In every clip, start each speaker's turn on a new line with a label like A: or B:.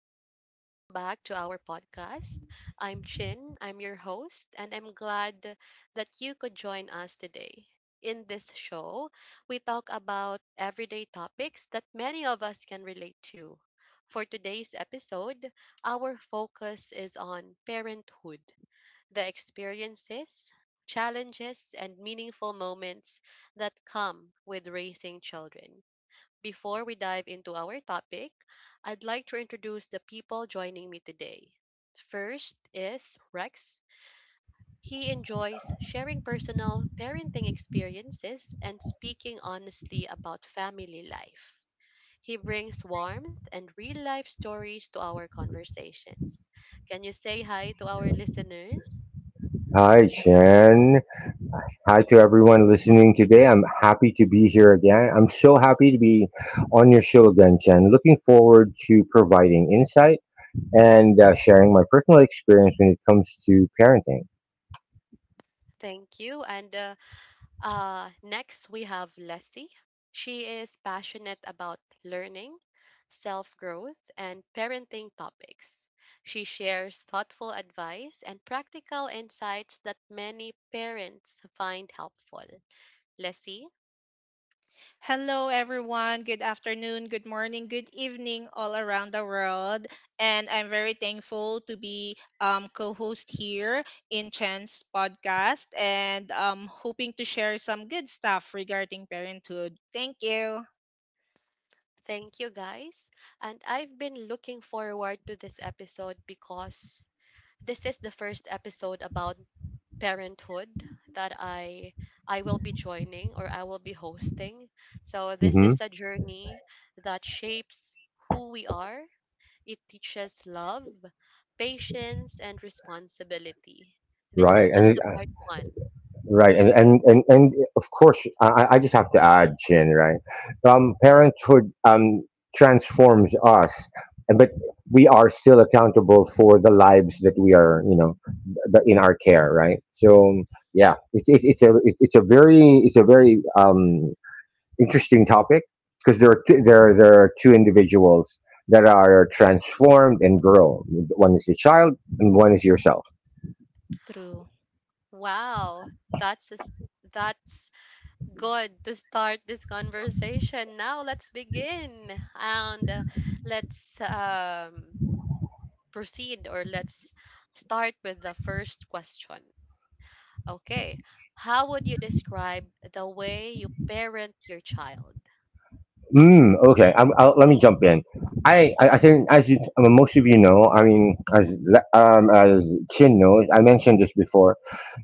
A: and welcome back to our podcast. I'm Chin, I'm your host, and I'm glad that you could join us today. In this show, we talk about everyday topics that many of us can relate to. For today's episode, our focus is on parenthood, the experiences, challenges, and meaningful moments that come with raising children. Before we dive into our topic, I'd like to introduce the people joining me today. First is Rex. He enjoys sharing personal parenting experiences and speaking honestly about family life. He brings warmth and real life stories to our conversations. Can you say hi to our listeners?
B: Hi, Shen. Hi to everyone listening today. I'm happy to be here again. I'm so happy to be on your show again, Shen. Looking forward to providing insight and sharing my personal experience when it comes to parenting.
A: Thank you. And Next, we have Leslie. She is passionate about learning, self growth, and parenting topics. She shares thoughtful advice and practical insights that many parents find helpful. Leslie,
C: Hello, everyone. Good afternoon, good morning, good evening, all around the world. And I'm very thankful to be co host here in Chen's podcast and hoping to share some good stuff regarding parenthood. Thank you.
A: thank you guys. And I've been looking forward to this episode because this is the first episode about parenthood that I will be joining or I will be hosting. So this
B: Hmm.
A: is a journey that shapes who we are. It teaches love, patience and responsibility. This is
B: Right.
A: just
B: And
A: the part 1.
B: Right, and and and, and of course, I just have to add, Chin. Right, parenthood transforms us, but we are still accountable for the lives that we are, you know, in our care. Right, so yeah, it's a it- it's a very interesting topic because there are two individuals that are transformed and grow. One is the child, and one is yourself.
C: True.
A: Wow, that's a s that's good to start this conversation. Now let's begin and let's proceed or let's start with the first question. Okay. How would you describe the way you parent your child?
B: Mm, okay. Let me jump in. I think I mean, most of you know, I mean, as Chin knows, I mentioned this before.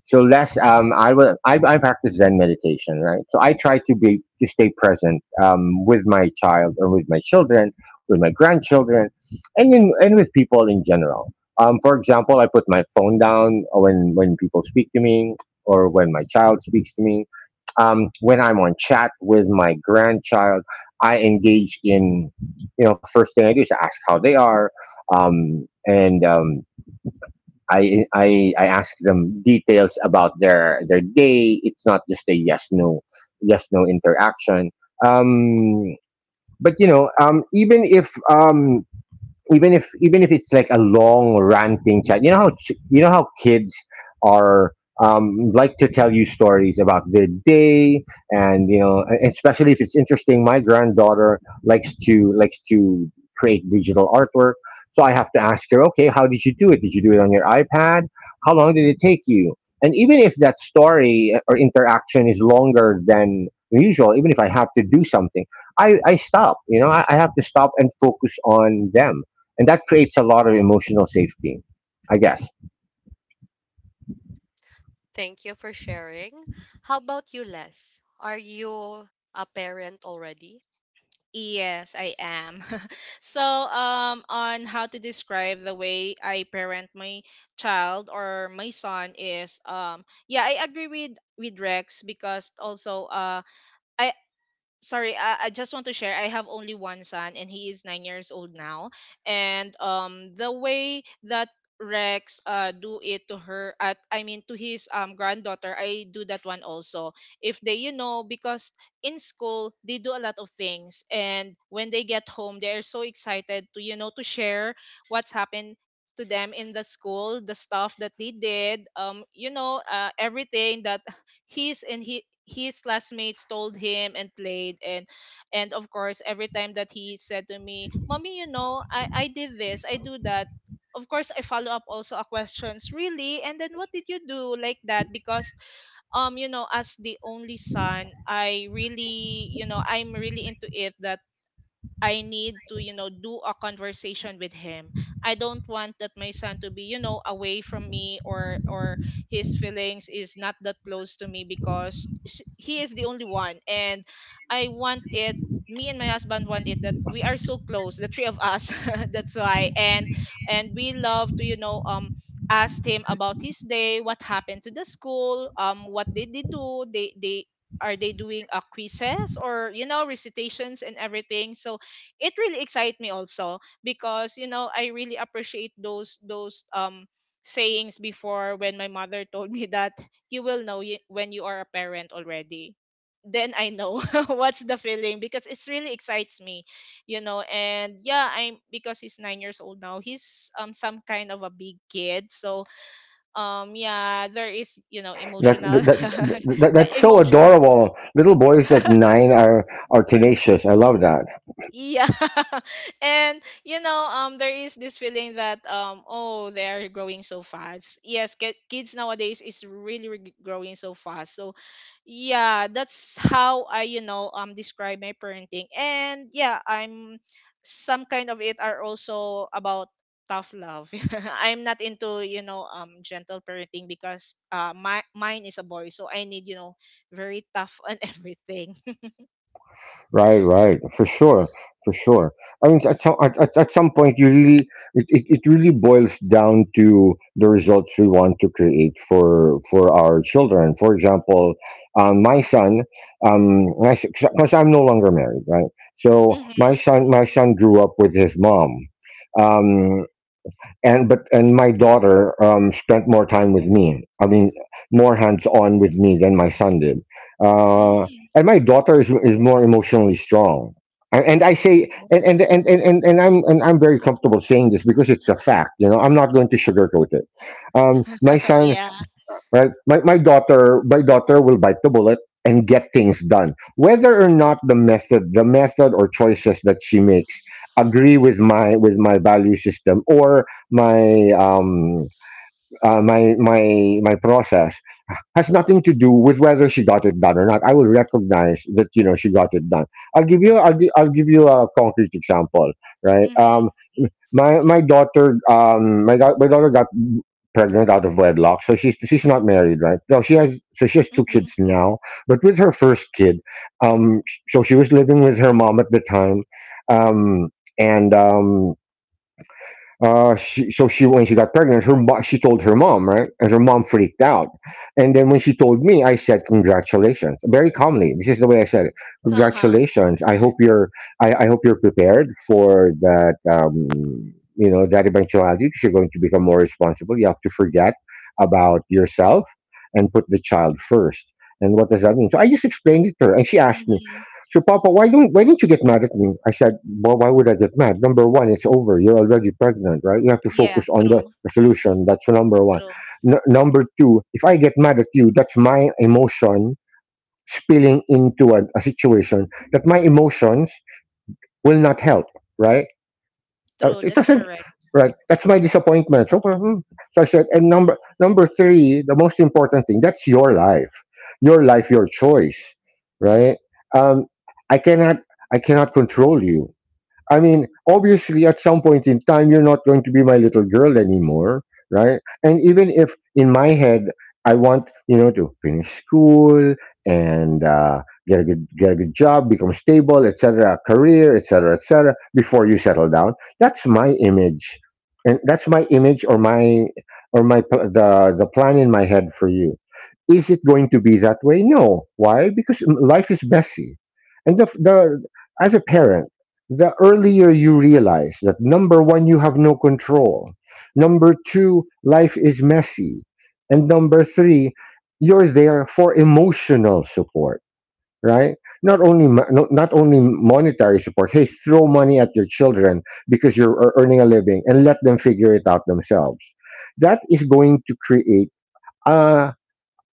B: So last, I practice Zen meditation, right? So I try to stay present, with my child or with my children, with my grandchildren, and with people in general. For example, I put my phone down when people speak to me or when my child speaks to me when I'm on chat with my grandchild, I engage in, you know, first thing I do is ask how they are, and I ask them details about their day. It's not just a yes no interaction. Um, but you know, even if it's like a long ranting chat, you know how you know how kids are like to tell you stories about their day. And you know, especially if it's interesting, my granddaughter likes to create digital artwork. So I have to ask her, okay, how did you do it? Did you do it on your iPad? How long did it take you? And even if that story or interaction is longer than usual, even if I have to do something, I stop. You know, I have to stop and focus on them. And that creates a lot of emotional safety, I guess.
A: Thank you for sharing. How about you, Les? Are you a parent already?
C: Yes, I am. On how to describe the way I parent my child or my son is, yeah, I agree with Rex because also, I sorry, I just want to share. I have only one son, and he is 9 years old now. And the way that Rex do it to her at I mean to his granddaughter, I do that one also. If they you know because in school they do a lot of things, and when they get home, they are so excited to to share what's happened to them in the school, the stuff that they did, everything that his and he his classmates told him and played. And of course every time that he said to me, mommy, I did this, I do that, of course I follow up also a questions, really, and then what did you do, like that, because as the only son, I really, I'm really into it that I need to, do a conversation with him. I don't want that my son to be, away from me, or his feelings is not that close to me because he is the only one, and I want it, me and my husband want it, that we are so close, the three of us. That's why. And we love to, asked him about his day, what happened to the school, what did they do, they are they doing a quizzes, or recitations, and everything. So it really excites me also because, I really appreciate those sayings before when my mother told me that you will know when you are a parent already, then I know what's the feeling, because it's really excites me. And yeah, I'm, because he's 9 years old now. He's some kind of a big kid, so yeah, there is,
B: that
C: emotional
B: that,
C: the
B: that's so
C: emotion.
B: adorable. Little boys at nine are tenacious. I love that.
C: Yeah. And, there is this feeling that, oh, they are growing so fast. Yes, kids nowadays is really, really growing so fast. So yeah, that's how I, describe my parenting. And yeah, I'm some kind of it are also about tough love. I'm not into, gentle parenting because my mine is a boy, so I need, very tough on everything.
B: Right for sure. For sure. I mean, at some point, you really it really boils down to the results we want to create for our children. For example, my son, because I'm no longer married, right? So
C: Mhm.
B: my son grew up with his mom. um, and my daughter spent more time with me. I mean, more hands on with me than my son did. Uh,
C: Mm.
B: and my daughter is more emotionally strong. A- And I say,
C: Yeah.
B: and I'm very comfortable saying this because it's a fact. You know, I'm not going to sugarcoat it. My son,
C: Yeah.
B: right? My daughter will bite the bullet and get things done, whether or not the method, or choices that she makes agree with my value system or my my process, has nothing to do with whether she got it done or not. I will recognize that, you know, she got it done. I'll give you a concrete example, right?
C: Mhm.
B: My daughter, my daughter got pregnant out of wedlock, so she's not married, right? No, she has two
C: Mhm.
B: kids now. But with her first kid, sh- so she was living with her mom at the time. Um and she, so she When she got pregnant, she told her mom, right? And her mom freaked out. And then when she told me, I said, "Congratulations!" Very calmly. This is the way I said it.
C: Uh-huh.
B: Congratulations. I hope you're prepared for that. You know, that eventuality. Because you're going to become more responsible. You have to forget about yourself and put the child first. And what does that mean? So I just explained it to her, and she asked me,
C: Mhm.
B: so, Papa, why didn't you get mad at me? I said, well, why would I get mad? Number one, it's over. You're already pregnant, right? You have to
C: Yeah,
B: focus on the
C: true.
B: solution. That's number one.
C: True.
B: Number two, if I get mad at you, that's my emotion spilling into a situation that my emotions will not help, right?
C: True,
B: It
C: that's
B: doesn't
C: correct.
B: right. That's my disappointment. So, parang, hmm. So I said, and number three, the most important thing. That's your life, your life, your choice, right? Um, I cannot I cannot control you. I mean, obviously, at some point in time, you're not going to be my little girl anymore, right? And even if in my head I want, you know, to finish school and get a good job, become stable, etc., career, etc., etc., before you settle down, that's my image. And that's my image or my the plan in my head for you. Is it going to be that way? No. Why? Because mm, life is messy. And the, as a parent, the earlier you realize that number one, you have no control, number two, life is messy, and number three, you're there for emotional support, right? Not only not only monetary support. Hey, throw money at your children because you're earning a living, and let them figure it out themselves. That is going to create. A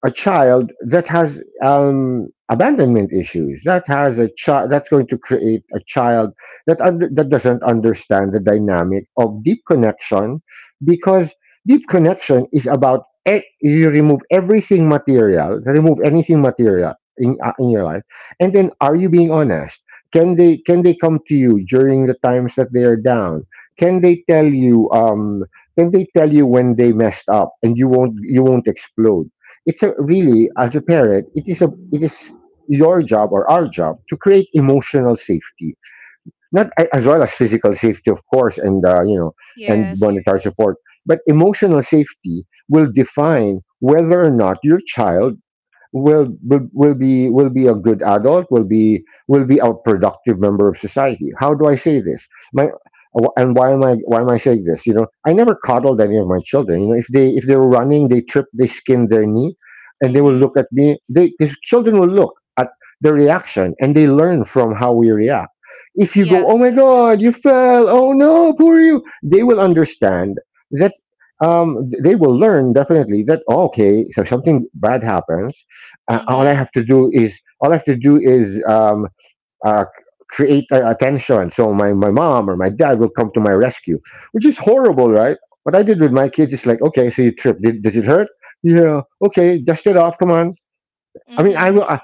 B: child that has, abandonment issues, that has a child that's going to create a child that, that doesn't understand the dynamic of deep connection. Because deep connection is about, you remove everything material, remove anything material in your life, and then, are you being honest? Can they come to you during the times that they are down? Can they tell you, can they tell you when they messed up and you won't explode? It's, a, really, as a parent, it is a it is your job, or our job, to create emotional safety. Not, as well as physical safety, of course, and, you know, and
C: Yes.
B: monetary support. But emotional safety will define whether or not your child will be a good adult, will be a productive member of society. How do I say this? My and why am I saying this? You know, I never coddled any of my children. You know, if they were running, they tripped, they skinned their knee, and they will
C: Mhm.
B: look at me. They These children will look at the reaction, and they learn from how we react. If you
C: Yeah,
B: go, "Oh my
C: that's
B: god, you
C: true.
B: fell, oh no, poor you," they will understand that, um, they will learn, definitely, that, oh, okay, so something bad happens,
C: Mhm.
B: all I have to do is, uh, create a tension. So my mom or my dad will come to my rescue, which is horrible, right? What I did with my kids is like, okay, so you trip. Does it hurt? Yeah. Okay, dust it off. Come on. I mean, I
C: Mhm.
B: will. I,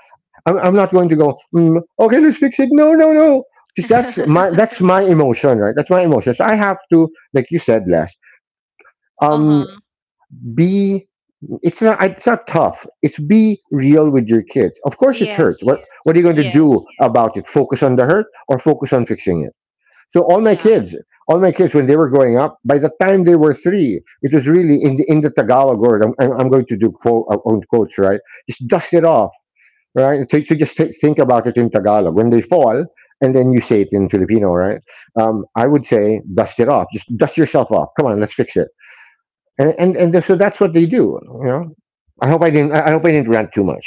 B: I'm not going to go, mm, okay, let's fix it. No, no, no. Because that's my emotion, right? That's my emotion. So I have to, like you said, Les, um,
C: Uh-huh.
B: be, it's not tough. It's be real with your kids. Of course it hurts.
C: Yes.
B: What are you going to do
C: Yes.
B: about it? Focus on the hurt, or focus on fixing it? So all my
C: Yeah.
B: kids, all my kids, when they were growing up, by the time they were 3, it was really in the Tagalog word. I'm going to do quote, own quotes, right? Just dust it off, right? So, so just think about it in Tagalog. When they fall, and then you say it in Filipino, right? I would say, dust it off. Just dust yourself off. Come on, let's fix it. And so that's what they do. You know, I hope I didn't rant too much.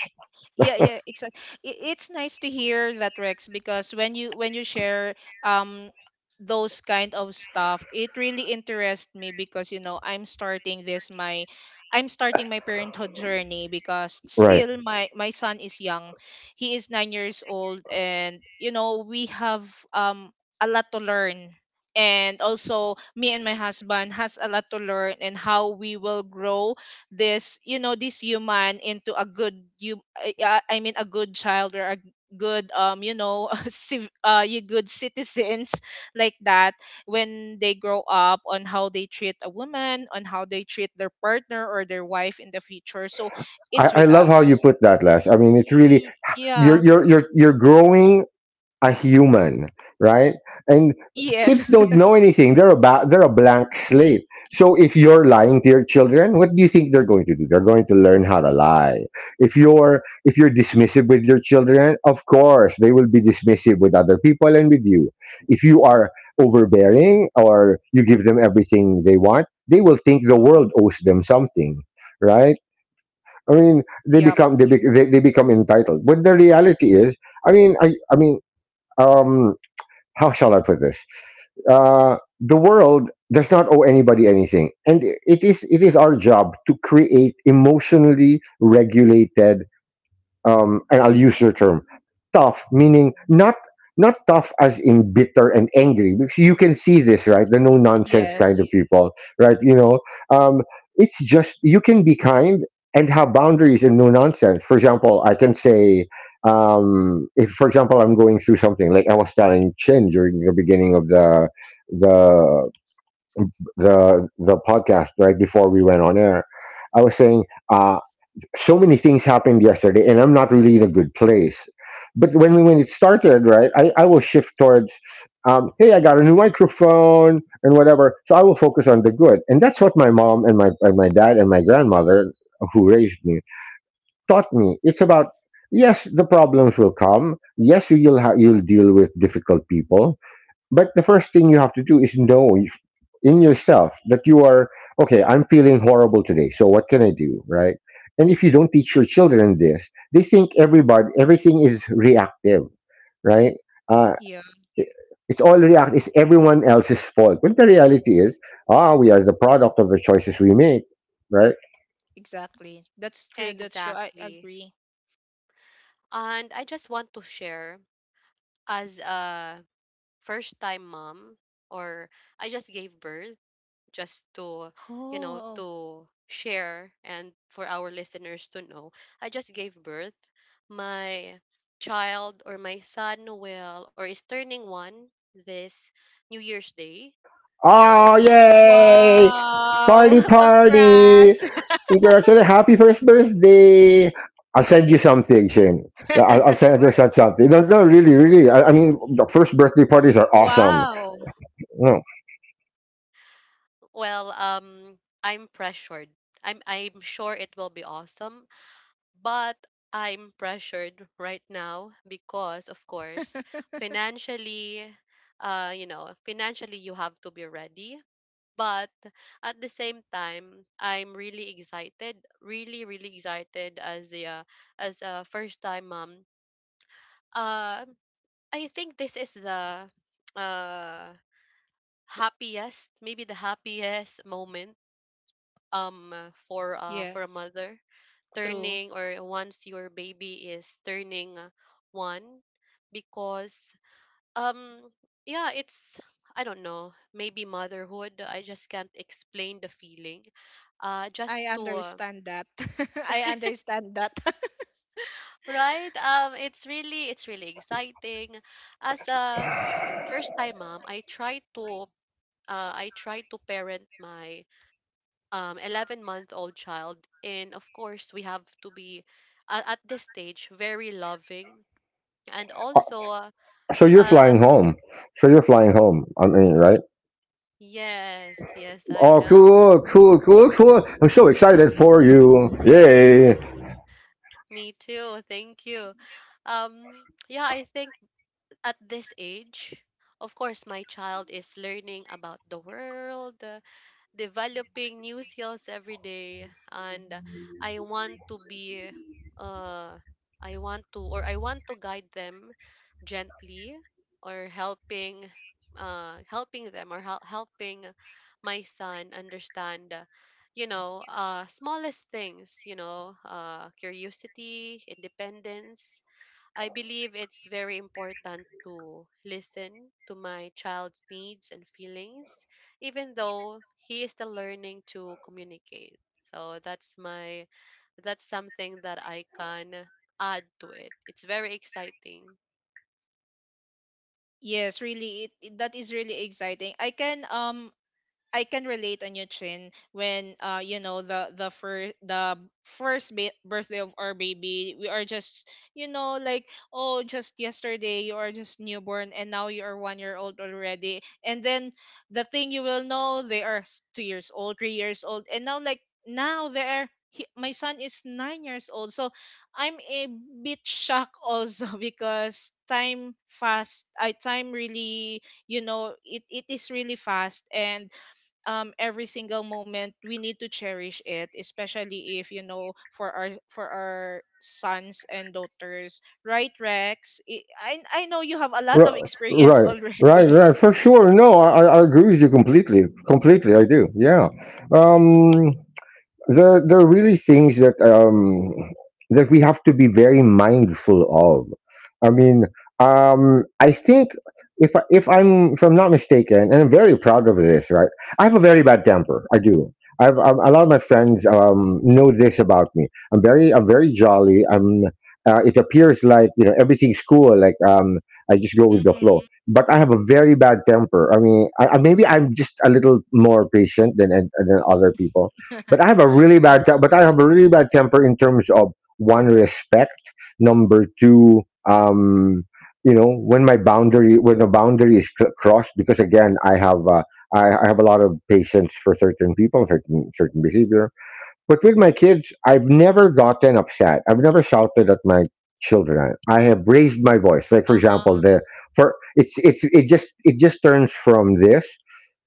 C: Yeah, yeah, exactly. It's nice to hear that, Rex, because when you share um those kind of stuff. It really interests me because, you know, I'm starting this my, I'm starting my parenthood journey because
B: Right.
C: still my son is young. He is 9 years old and, you know, we have um a lot to learn. And also me and my husband has a lot to learn, and how we will grow this, you know, this human into a good you, a good child, or a good you good citizens like that, when they grow up, on how they treat a woman, on how they treat their partner or their wife in the future. So it's
B: I
C: with
B: love how you
C: us.
B: put that, Les. I mean, it's really,
C: Yeah.
B: you're growing a human, right? And
C: Yes.
B: kids don't know anything. They're a blank slate. So if you're lying to your children, what do you think they're going to do? They're going to learn how to lie. If you're dismissive with your children, of course they will be dismissive with other people and with you. If you are overbearing or you give them everything they want, they will think the world owes them something, right? I mean, they
C: Yep.
B: become they, be, they, they become entitled. But the reality is, I mean, I I mean, um how shall I put this? The world does not owe anybody anything, and it is our job to create emotionally regulated, and I'll use your term, tough, meaning not not tough as in bitter and angry, because you can see this, right? The no nonsense kind of
C: Yes.
B: people, right? Um, it's just you can be kind and have boundaries and no nonsense. For example, I can say, if for example I'm going through something, like I was telling Chin during the beginning of the the the podcast, right before we went on air, I was saying uh, so many things happened yesterday and I'm not really in a good place, but when it started, right, I will shift towards, hey, I got a new microphone and whatever, so I will focus on the good. And that's what my mom and my dad and my grandmother who raised me taught me. It's about, yes, the problems will come, yes, you'll deal with difficult people, but the first thing you have to do is know in yourself that you are okay. I'm feeling horrible today, so what can I do, right? And if you don't teach your children this, they think everybody everything is reactive, right? Uh,
C: Yeah,
B: it- it's all react. It's everyone else's fault. When the reality is, we are the product of the choices we make, right?
C: exactly, that's true, that's true, I
A: Exactly.
C: agree.
A: And I just want to share as a first time mom or I just gave birth just to, you know,
C: Oh.
A: to share and for our listeners to know I just gave birth. My child or my son will or is turning 1 this New Year's Day, so
B: Oh, yay!
C: Wow.
B: Party, party!
C: Congrats.
B: Congratulations! Happy first birthday! I'll send you
A: it's
B: something, Shane. I'll send Just
A: sure.
B: send something. No, no, really, really. I mean, the first birthday parties are awesome.
C: Wow.
B: No,
A: Well, I'm pressured. I'm sure it will be awesome. But I'm pressured right now because, of course, financially, you know, financially you have to be ready. But at the same time, I'm really excited, really, really excited as a first time mom. Uh, I think this is the uh happiest, maybe the happiest moment um for a
C: Yes,
A: mother
C: true.
A: turning or once your baby is turning one because um yeah, it's, I don't know, maybe motherhood. I just can't explain the feeling.
C: I
A: Just to
C: understand that. I understand that.
A: Right, it's really, it's really exciting. As a first time mom I try to I try to parent my 11-month-old child, and of course we have to be, at this stage very loving and
B: uh,
A: also
B: so you're
A: uh
B: flying home. So you're flying home. I mean,
A: um,
B: right?
A: yes, yes, I
B: Oh,
A: am.
B: cool, cool, cool, cool! I'm so excited for you! Yay!
A: Me too, thank you. Yeah, I think at this age of course my child is learning about the world, developing new skills every day, and I want to be uh I want to or I want to guide them gently or helping helping my son understand, you know, smallest things, you know, curiosity, independence. I believe it's very important to listen to my child's needs and feelings, even though he is still learning to communicate. So that's my, that's something that I can add to it. It's very exciting.
C: Yes, really, that is really exciting. I can, I can relate on you, Chin, when, you know, the first birthday of our baby, we are just, you know, like, oh, just yesterday you are just newborn and now you are 1 year old already, and then the thing you will know they are 2 years old, 3 years old, and now like now they're he, my son is 9 years old, so I'm a bit shocked also because time fast, I time really, you know, it is really fast. And every single moment we need to cherish it, especially, if you know, for our, for our sons and daughters, right, Rex? I know you have a lot
B: Right,
C: of experience
B: right, right,
C: already.
B: right. For sure. No, I I agree with you completely. Completely, I do. Yeah. Um. There are really things that that we have to be very mindful of. I mean, I think if I'm not mistaken, and I'm very proud of this, right? I have a very bad temper. I do. I've, I A lot of my friends, know this about me. I'm very jolly. I'm. It appears like, you know, everything's cool. Like, I just go with the
C: Mm-hmm.
B: flow. But I have a very bad temper. I mean, maybe I'm just a little more patient than other people, but I have a really
C: Uh.
B: bad te- but I have a really bad temper in terms of one respect, number two, um, you know, when a boundary is crossed, because again I have I have a lot of patience for certain people, certain behavior. But with my kids, I've never gotten upset. I've never shouted at my children. I have raised my voice. Like for example,
C: Uh-huh.
B: the for it just turns from this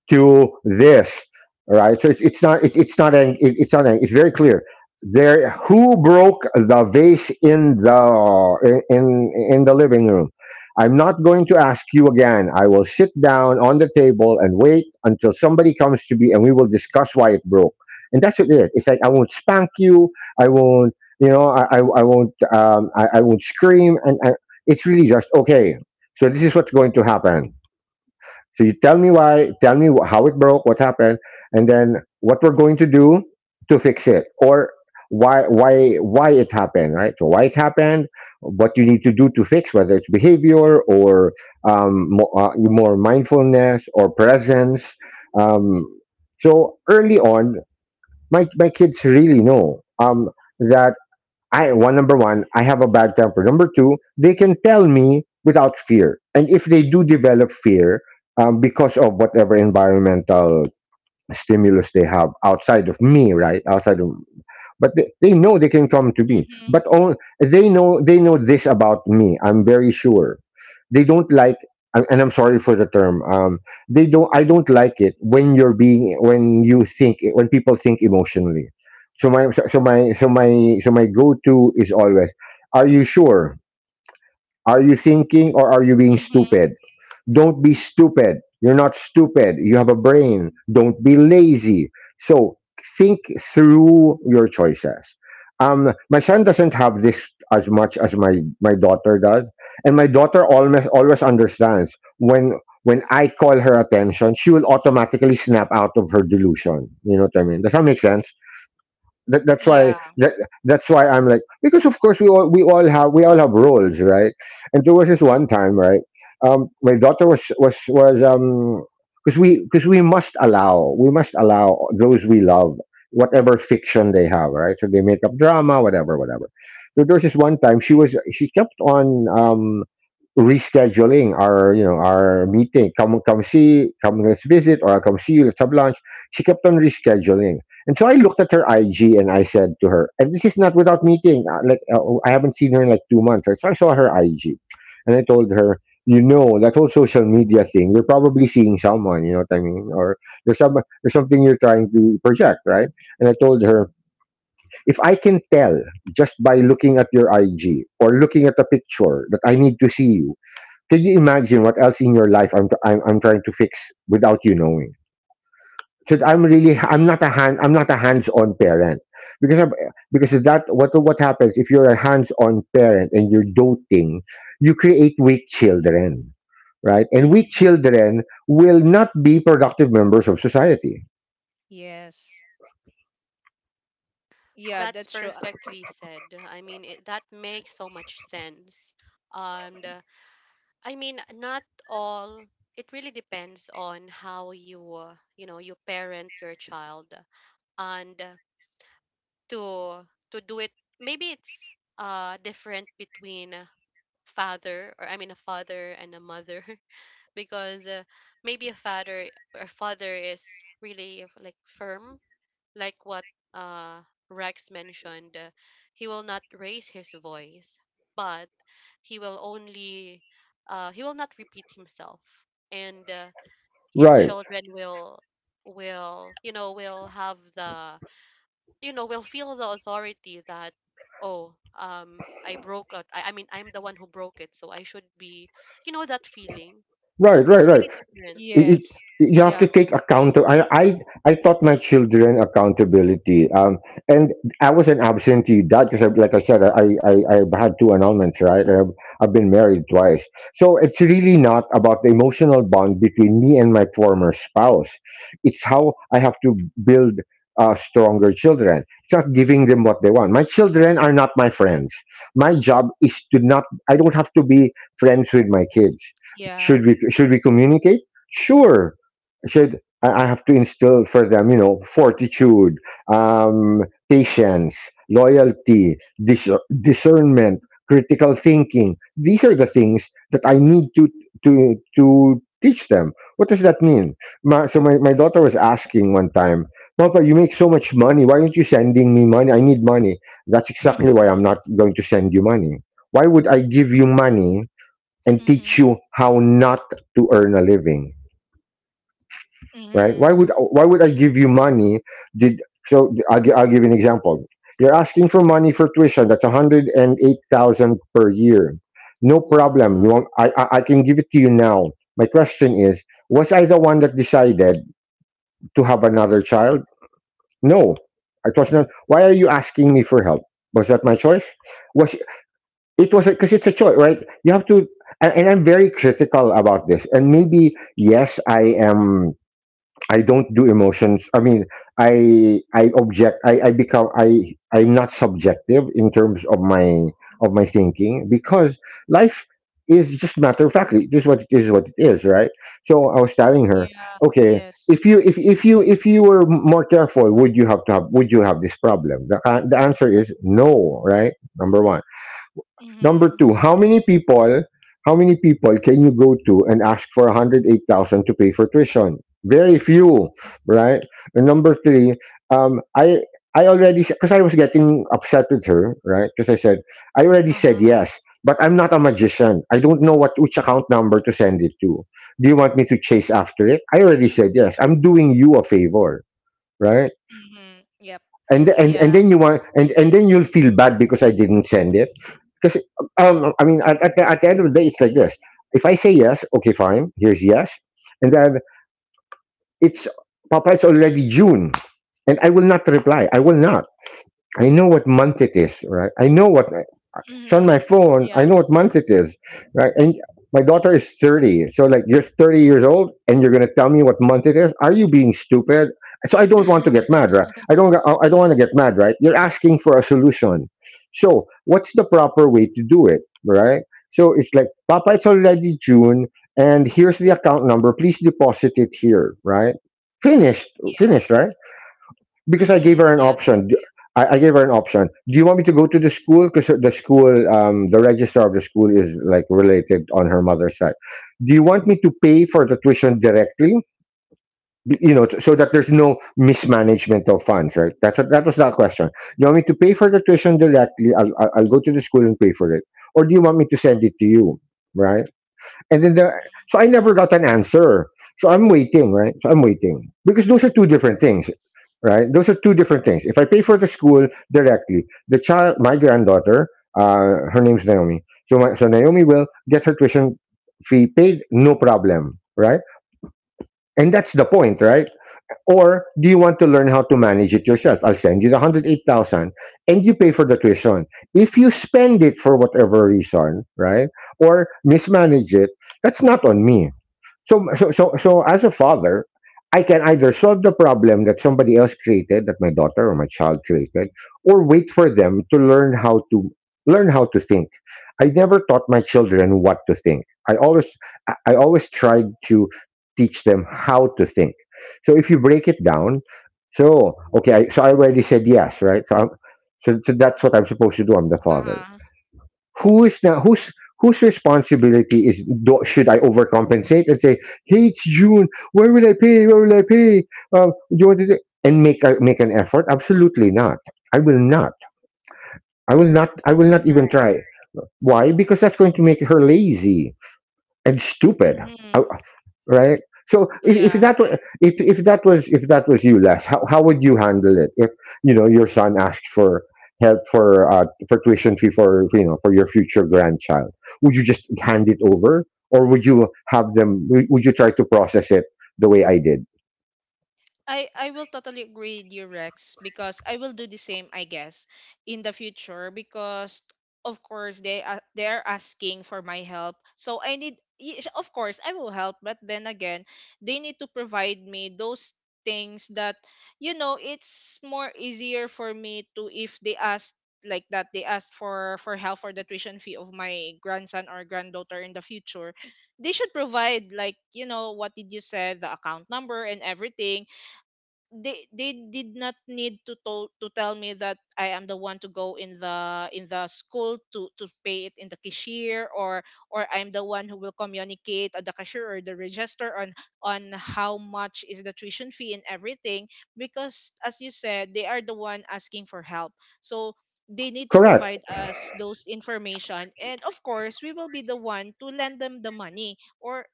B: to this, right? So it's not it, it's not an, it, it's not an, it's very clear there. Who broke the vase in the living room? I'm not going to ask you again. I will sit down on the table and wait until somebody comes to me and we will discuss why it broke. And that's what it is. It's like, I won't spank you, I won't, you know, I won't, I won't scream, and I, it's really just, okay, so this is what's going to happen. So you tell me why, tell me how it broke, what happened, and then what we're going to do to fix it, or why it happened, right? So why it happened, what you need to do to fix, whether it's behavior or, more, more mindfulness or presence. Um, so early on, my kids really know, that I one number one, I have a bad temper. Number two, they can tell me without fear. And if they do develop fear, because of whatever environmental stimulus they have outside of me, right, outside of, they know they can come to me.
C: Mm-hmm.
B: But all, they know, they know this about me, I'm very sure. they don't like And I'm sorry for the term, they don't, I don't like it when you're being, when people think emotionally. So my go-to is always, are you sure? Are you thinking or are you being
C: Hmm.
B: stupid? Don't be stupid. You're not stupid. You have a brain. Don't be lazy. So think through your choices. My son doesn't have this as much as my daughter does, and my daughter almost always understands when I call her attention, she will automatically snap out of her delusion. You know what I mean? Does that make sense? That's why
C: Yeah.
B: that's why I'm like, because of course we all have roles, right? And there was this one time, right? My daughter was because we must allow, we must allow those we love whatever fiction they have, right? So they make up drama whatever whatever. So there was this one time, she was, she kept on, rescheduling our, you know, our meeting. Come come see come Let's visit, or come see you, let's have lunch. She kept on rescheduling. And so I looked at her IG, and I said to her, and this is not without meeting, I haven't seen her in like 2 months. So I saw her IG and I told her, you know, that whole social media thing, you're probably seeing someone, you know what I mean, or there's some there's something you're trying to project, right? And I told her, if I can tell just by looking at your IG or looking at the picture that I need to see you, can you imagine what else in your life I'm trying to fix without you knowing? So I'm really,
C: Mm-hmm.
B: I'm not a hands-on parent because because of that, what happens if you're a hands-on parent and you're doting, you create weak children, right? And weak
C: Hmm.
B: children will not be productive members of society.
C: Yes. Yeah,
A: That's
C: that's true. Uh.
A: perfectly said. I mean, it, that makes so much sense. And I mean, not all. It really depends on how you, you know, you parent your child and to do it, maybe it's different between a father or I mean a father and a mother. Because maybe a father or father is really like firm, like what uh Rex mentioned. He will not raise his voice, but he will only, he will not repeat himself, and, his
B: Right,
A: children will, you know, will have the, you know, will feel the authority that, oh, I broke it. I mean, I'm the one who broke it, so I should be, you know, that feeling. So
B: right, right,
A: it's
B: right.
A: really different.
B: it, it-
C: Yes.
B: you have
C: Yeah.
B: to take account. I taught my children accountability, and I was an absentee dad, because like I said, I've had two annulments, right? I've been married twice. So it's really not about the emotional bond between me and my former spouse. It's how I have to build, stronger children. It's not giving them what they want. My children are not my friends. My job is to not, I don't have to be friends with my kids.
C: Yeah.
B: Should we communicate? Sure. I said, I have to instill for them, you know, fortitude, um, patience, loyalty, dis- discernment, critical thinking. These are the things that I need to to teach them. What does that mean? My daughter was asking one time, Papa, you make so much money, why aren't you sending me money? I need money. That's exactly why I'm not going to send you money. Why would I give you money and
C: Mm-hmm.
B: teach you how not to earn a living? Right?
C: Mm-hmm.
B: Why would I give you money? Did so? I'll give you an example. You're asking for money for tuition. That's 108,000 per year. No problem. You
C: Wow.
B: want, I can give it to you now. My question is, was I the one that decided to have another child? No, it was not. Why are you asking me for help? Was that my choice? Was it was Because it's a choice, right? You have to, and I'm very critical about this. And maybe yes, I am, I don't do emotions. I mean, I object. I'm not subjective in terms of my thinking, because life is just matter of factly. This is what it is, right? So I was telling her,
C: Yeah.
B: okay,
C: Yes.
B: if you were more careful, would you have this problem? The answer is no, right? Number one. Number
C: Mm-hmm.
B: two, how many people can you go to and ask for 108,000 to pay for tuition? Very few, right? And number three, um, I, I already, because I was getting upset with her, right? Because I said, I already said
C: Uh-huh.
B: yes, but I'm not a magician. I don't know what, which account number to send it to. Do you want me to chase after it? I already said yes. I'm doing you a favor, right?
C: Mm-hmm. Yep.
B: And, and,
C: Yeah.
B: and then you want, and then you'll feel bad because I didn't send it because I mean, at the end of the day, it's like this. If I say yes, okay, fine. Here's yes, and then it's Papa. It's already June, and I will not reply. I will not. I know what month it is, right? I know what. It's on my
C: Mm-hmm.
B: phone.
C: Yeah.
B: I know what month it is. Right? And my daughter is 30. So, like, you're 30 years old and you're going to tell me what month it is? Are you being stupid? So, I don't want to get mad, right? I don't want to get mad, right? You're asking for a solution. So, what's the proper way to do it, right? So, it's like, Papa, it's already June and here's the account number. Please deposit it here, right? Finished,
C: Yeah.
B: finished, right? Because I gave
C: Mm-hmm.
B: her an
C: Yes.
B: option. I gave her an option. Do you want me to go to the school? Because the school, the registrar of the school is like related on her mother's side. Do you want me to pay for the tuition directly? You know, so that there's no mismanagement of funds, right? That was that question. You want me to pay for the tuition directly? I'll go to the school and pay for it, or do you want me to send it to you, right? And then the
C: Mm-hmm.
B: So I never got an answer. So I'm waiting, right? So I'm waiting because those are two different things, right? Those are two different things. If I pay for the school directly, the child, my granddaughter, her name's Naomi. So Naomi will get her tuition fee paid, no problem, right? And that's the point, right? Or do you want to learn how to manage it yourself? I'll send you the 108,000, and you pay for the tuition. If you spend it for whatever reason, right, or mismanage it, that's not on me. So, so as a father, I can either solve the problem that somebody else created, that my daughter or my child created, or wait for them to learn how to think. I never taught my children what to think. I always, I always tried to teach them how to think. So if you break it down, so okay, so I already said yes, right? So, that's what I'm supposed to do. I'm the father
C: Uh-huh.
B: who is now whose responsibility is should I overcompensate and say, "Hey, it's June. Where will I pay? Where will I pay? Do you want to?" And make make an effort? Absolutely not. I will not. I will not. I will not even
A: Right.
B: try. Why? Because that's going to make her lazy and stupid. Uh,
C: Mm-hmm.
B: right? So
A: Or-
C: Yeah.
B: if that was you, Les, how would you handle it if you know your son asked for help for tuition fee for you know for your future grandchild? Would you just hand it over, or would you have them? Would you try to process it the way I did?
C: I will totally agree with you, Rex, because I will do the same, I guess, in the future because of course they are, they're asking for my help. So I need of course I will help, but then again, they need to provide me those things that, you know, it's more easier for me to if they ask, like that, they ask for help for the tuition fee of my grandson or granddaughter in the future. They should provide, like, you know, what did you say, the account number and everything. They did not need to tell, me that I am the one to go in the, in the school to pay it in the cashier, or I'm the one who will communicate at the cashier or the register on how much is the tuition fee and everything, because as you said they are the one asking for help. So they need to
B: Correct.
C: provide us those information, and of course we will be the one to lend them the money, or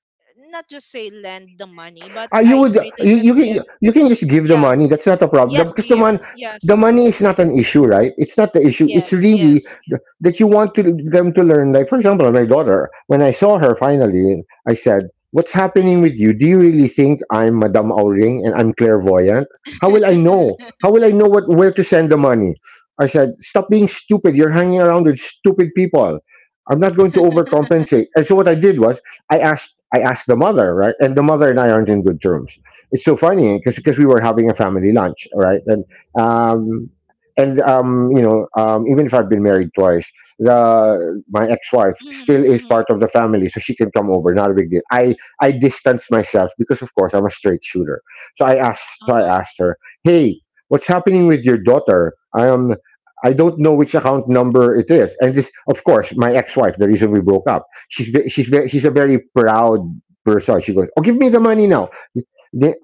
C: not just say lend the money, but
B: Ah, you
C: I
B: would
C: I think that's it.
B: you can just give the
C: Yeah.
B: money. That's not a problem
C: Yes,
B: because
C: give.
B: the
C: Yes.
B: money is not an issue, right? It's not the issue. It's
C: Yes,
B: really
C: yes.
B: that you want to them to learn. Like for example, my daughter. When I saw her finally, I said, "What's happening with you? Do you really think I'm Madame Auring and I'm clairvoyant? How will I know? How will I know what where to send the money?" I said, "Stop being stupid. You're hanging around with stupid people." I'm not going to overcompensate. And so what I did was I asked the mother, right? And the mother and I aren't in good terms. It's so funny because we were having a family lunch, right? And um you know even if I've been married twice, the my ex wife still
C: Mhm,
B: is
C: mhm.
B: part of the family, so she can come over. Not a big deal. I distance myself because of course I'm a straight shooter. So I
C: Uh-huh.
B: asked her, hey, what's happening with your daughter? I don't know which account number it is. And this, of course, my ex wife, the reason we broke up she's a very proud person. She goes, "Oh, give me the money now." Then,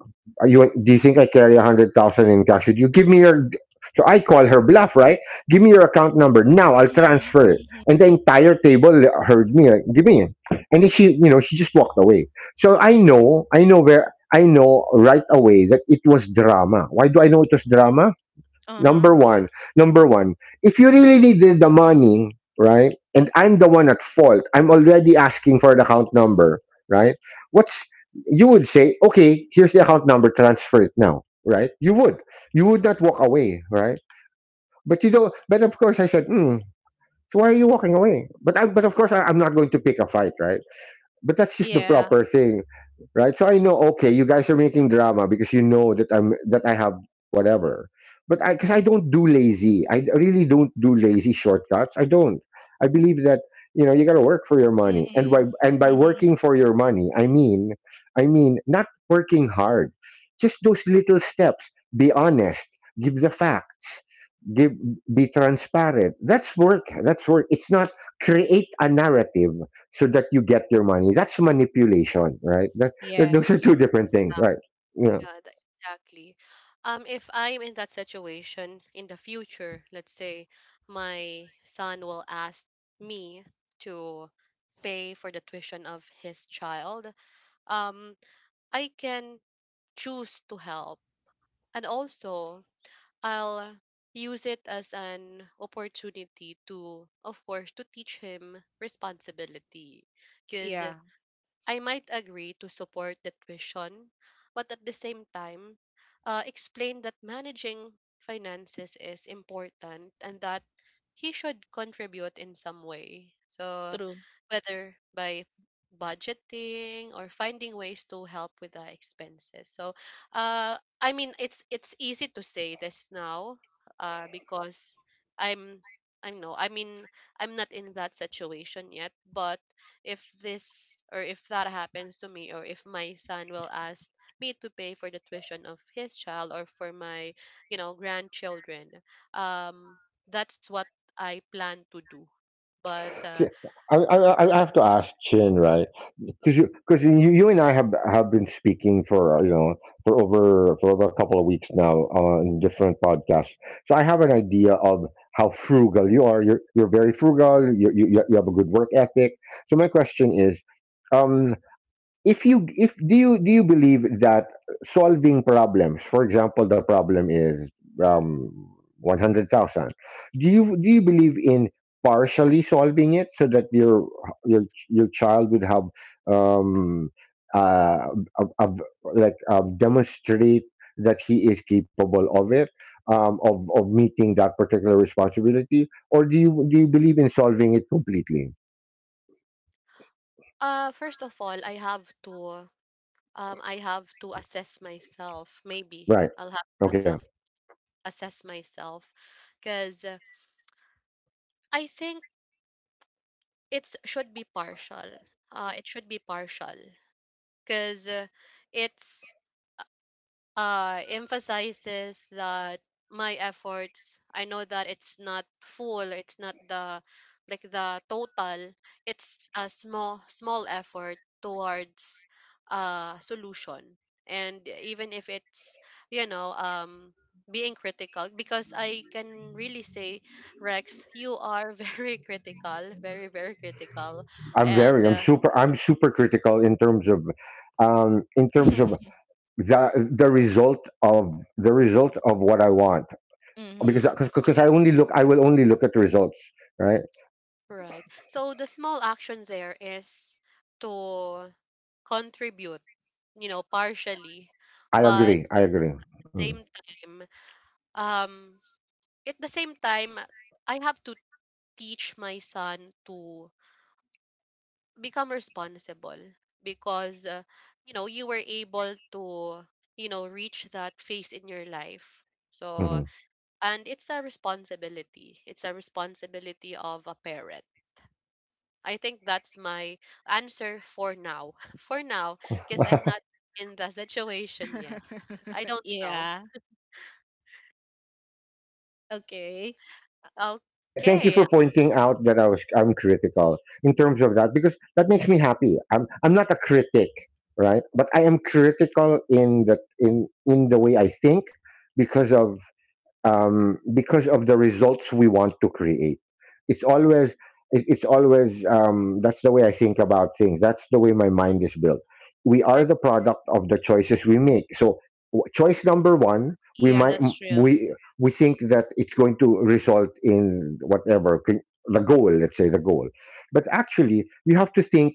B: are you do you think I carry 100,000 in cash? Would you give me your? So I call her bluff, right? Give me your account number now. I'll
C: Mhm,
B: transfer it.
C: mhm.
B: And the entire table heard me. Like, give me it. And then she, you know, she just walked away. I know where, I know right away that it was drama. Why do I know it was drama?
C: Uh-huh.
B: Number one, number one, if you really needed the money, right? And I'm the one at fault. I'm already asking for the account number, right? What's you would say, okay, here's the account number, transfer it now, right? You would. You would not walk away, right? But you don't but of course I said, hmm, so why are you walking away? But of course I'm not going to pick a fight, right? But that's just the
C: Yeah.
B: proper thing, right? So I know, okay, you guys are making drama because you know that I have whatever, but I because I don't do lazy. Really don't do lazy shortcuts. I don't. I believe that you know you got to work for your money,
C: Mm-mm.
B: and by
C: Mm-hmm.
B: working for your money, I mean not working hard, just those little steps. Be honest. Give the facts. Give Be transparent. That's work. That's work. It's not create a narrative so that you get your money. That's manipulation, right? Those are
C: Yes.
B: two different things, right? Yeah,
A: yeah tha- exactly. If I'm in that situation in the future, let's say my son will ask me to pay for the tuition of his child, um I can choose to help, and also I'll use it as an opportunity to, of course, to teach him responsibility. Because
C: Yeah.
A: I might agree to support the tuition, but at the same time, explain that managing finances is important and that he should contribute in some way. So,
C: True.
A: whether by budgeting or finding ways to help with the expenses. So, I mean, it's easy to say this now, because I'm I know, I mean, I'm not in that situation yet, but if this or if that happens to me, or if my son will ask me to pay for the tuition of his child or for my, you know, grandchildren, um that's what I plan to do. but uh,
B: see, I, I, I have to ask Chin, right? Because you, you and I have been speaking for you know for over a couple of weeks now on different podcasts. So I have an idea of how frugal you are. You're very frugal. You have a good work ethic. So my question is, um, if you if do you believe that solving problems for example the problem is um 100,000, do you believe in partially solving it so that your your child would have um uh a, a, like demonstrate that he is capable of it, of meeting that particular responsibility, or do you believe in solving it completely,
A: uh first of all, I have to, I have to assess myself, maybe
B: right?
A: I'll have to
B: Okay.
A: self assess myself, because I think it should be partial, uh, it should be partial, because it's, emphasizes that my efforts, I know that it's not full, it's not the, like the total, it's a small, small effort towards a solution. And even if it's, you know, being critical, because I can really say, Rex, you are very critical, very, very critical. And
B: I'm super critical in terms of the result of what I want because
C: Mm-hmm.
B: I will only look at the results, right?
A: Right. So the small actions there is to contribute, you know, partially, but
B: I agree. Mm,
A: same time, um, at the same time, I have to teach my son to become responsible because, you know, you were able to, you know, reach that phase in your life.
B: mhm.
A: So, and it's a responsibility. It's a responsibility of a parent. I think that's my answer for now. For now, because I'm not in the situation yet. I don't know.
C: Yeah. Okay.
B: Thank you
A: Okay.
B: for pointing out that I'm critical in terms of that because that makes me happy. I'm not a critic, right? But I am critical in the in the way I think because of because of the results we want to create. It's always it's always that's the way I think about things. That's the way my mind is built. We are
A: And
B: the product of the choices we make. So choice number one,
C: Yeah, that's true.
B: we think that it's going to result in whatever the goal. Let's say the goal, but actually we have to think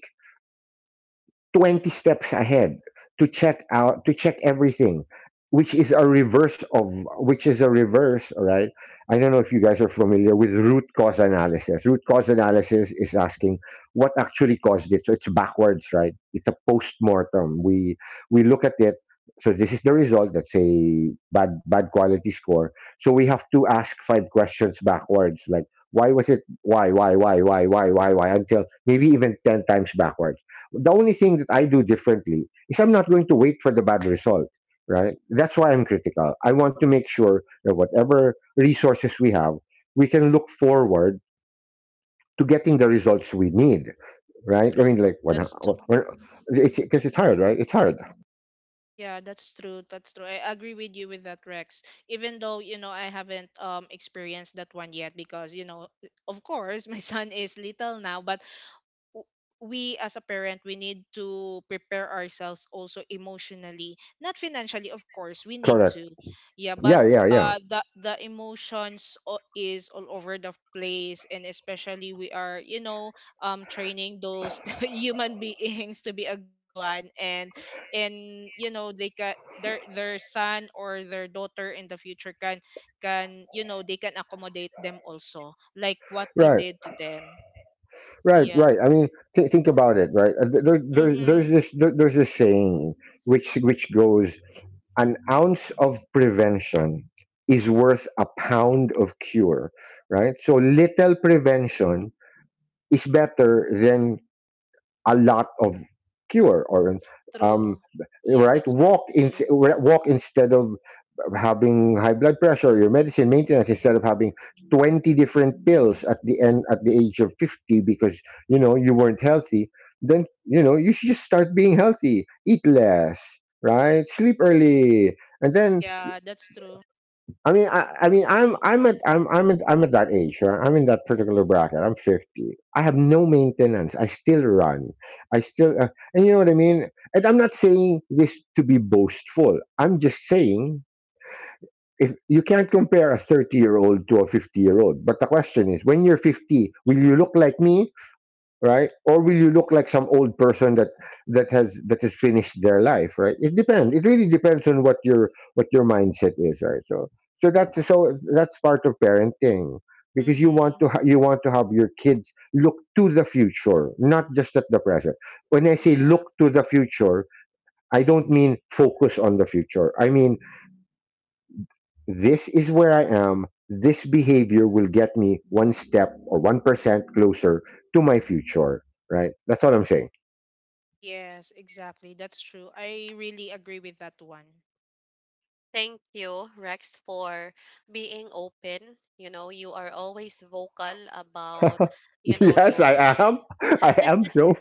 B: 20 steps ahead to check everything, which is a reverse of which is a reverse all right. I don't know if you guys are familiar with root cause analysis. Root cause analysis is asking what actually caused it, so it's backwards, right? It's a post-mortem. We look at it. So this is the result, that's a bad quality score. So we have to ask 5 questions backwards, like why was it, why until maybe even 10 times backwards. The only thing that I do differently is I'm not going to wait for the bad result, right? That's why I'm critical. I want to make sure that whatever resources we have, we can look forward to getting the results we need, right? I
C: True.
B: mean, like,
C: That's.
B: when it's because it's hard, right? It's hard.
C: Yeah, that's true. That's true. I agree with you with that, Rex. Even though, you know, I haven't experienced that one yet because, you know, of course, my son is little now, but w- we as a parent, we need to prepare ourselves also emotionally, not financially, of course we need
B: Correct.
C: to, yeah, but
B: Yeah, yeah, yeah.
C: the emotions is all over the place, and especially we are, you know, training those human beings to be a good one, and you know they can, their son or their daughter in the future can, you know, they can accommodate them also, like what we
B: Right,
C: did to them.
B: right,
C: Yeah.
B: right. I mean, think about it, right? Uh, There, there, there's
C: Mm-hmm.
B: this, there, there's this saying, which goes, an ounce of prevention is worth a pound of cure, right? So little prevention is better than a lot of cure or um,
C: True. Yeah,
B: right,
C: that's correct.
B: walk in,
C: True.
B: walk instead of having high blood pressure, your medicine maintenance, instead of having 20 different pills at the end, at the age of 50, because you know you weren't healthy. Then you know you should just start being healthy, eat less, right? Sleep early. And then
C: Yeah, that's true.
B: I mean, I'm at that age. Right? I'm in that particular bracket. I'm 50. I have no maintenance. I still run. I still, and you know what I mean. And I'm not saying this to be boastful. I'm just saying if you can't compare a 30-year-old to a 50-year-old. But the question is, when you're 50, will you look like me, right? Or will you look like some old person that that has finished their life, right? It depends. It really depends on what your mindset is, right? That's part of parenting, because you want
C: Mm-hmm.
B: to you want to have your kids look to the future, not just at the present. When I say look
C: Yeah.
B: to the future, I don't mean focus on the future. I mean, this is where I am. This behavior will get me one step or 1% closer to my future, right? That's all I'm saying.
C: Yes, exactly. That's true. I really agree with that one.
A: thank you, Rex, for being open. You know, you are always vocal about, you know,
B: Yes, I
A: your,
B: am. I am so.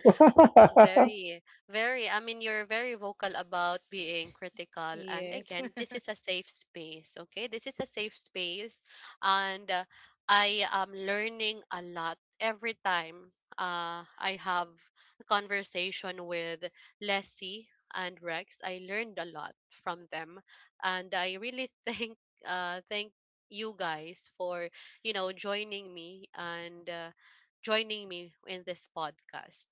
A: very, very. I mean, you're very vocal about being critical. And
C: Yes.
A: again, this is a safe space, okay? This is a safe space. And I am learning a lot every time I have a conversation with Leslie and Rex. I learned a lot from them. And I really thank you guys for, you know, joining me and joining me in this podcast.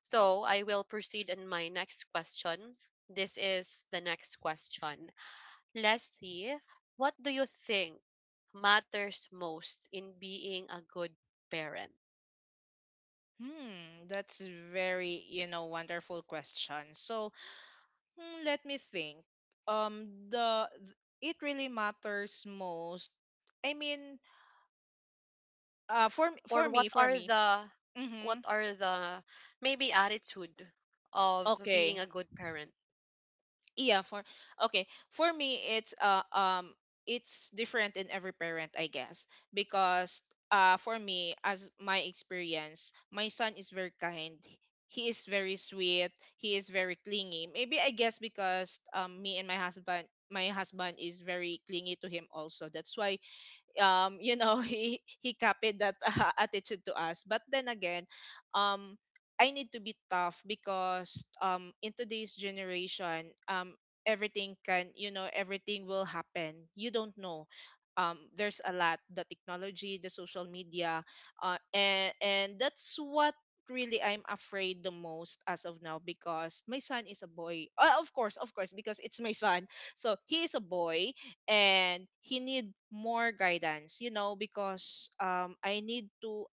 A: So I will proceed in my next question. This is the next question. Leslie, what do you think matters most in being a good parent?
C: Hmm, that's very, you know, wonderful question. So, hmm, let me think. Um, the th- it really matters most. I mean, for for
A: Or what
C: me, for
A: are
C: me.
A: the,
C: Mm-hmm.
A: what are the, maybe attitude of being
C: Okay.
A: a good parent?
C: yeah for okay, for me it's different in every parent, I guess, because, for me, as my experience, my son is very kind, he is very sweet, he is very clingy, maybe, I guess, because, me and my husband, my husband is very clingy to him also, that's why, you know, he copied that attitude to us, but then again, um I need to be tough because, in today's generation, everything can, you know, everything will happen, you don't know, there's a lot, the technology, the social media, and that's what really I'm afraid the most as of now, because my son is a boy, of course, because it's my son, so he is a boy, and he need more guidance, you know, because I need to,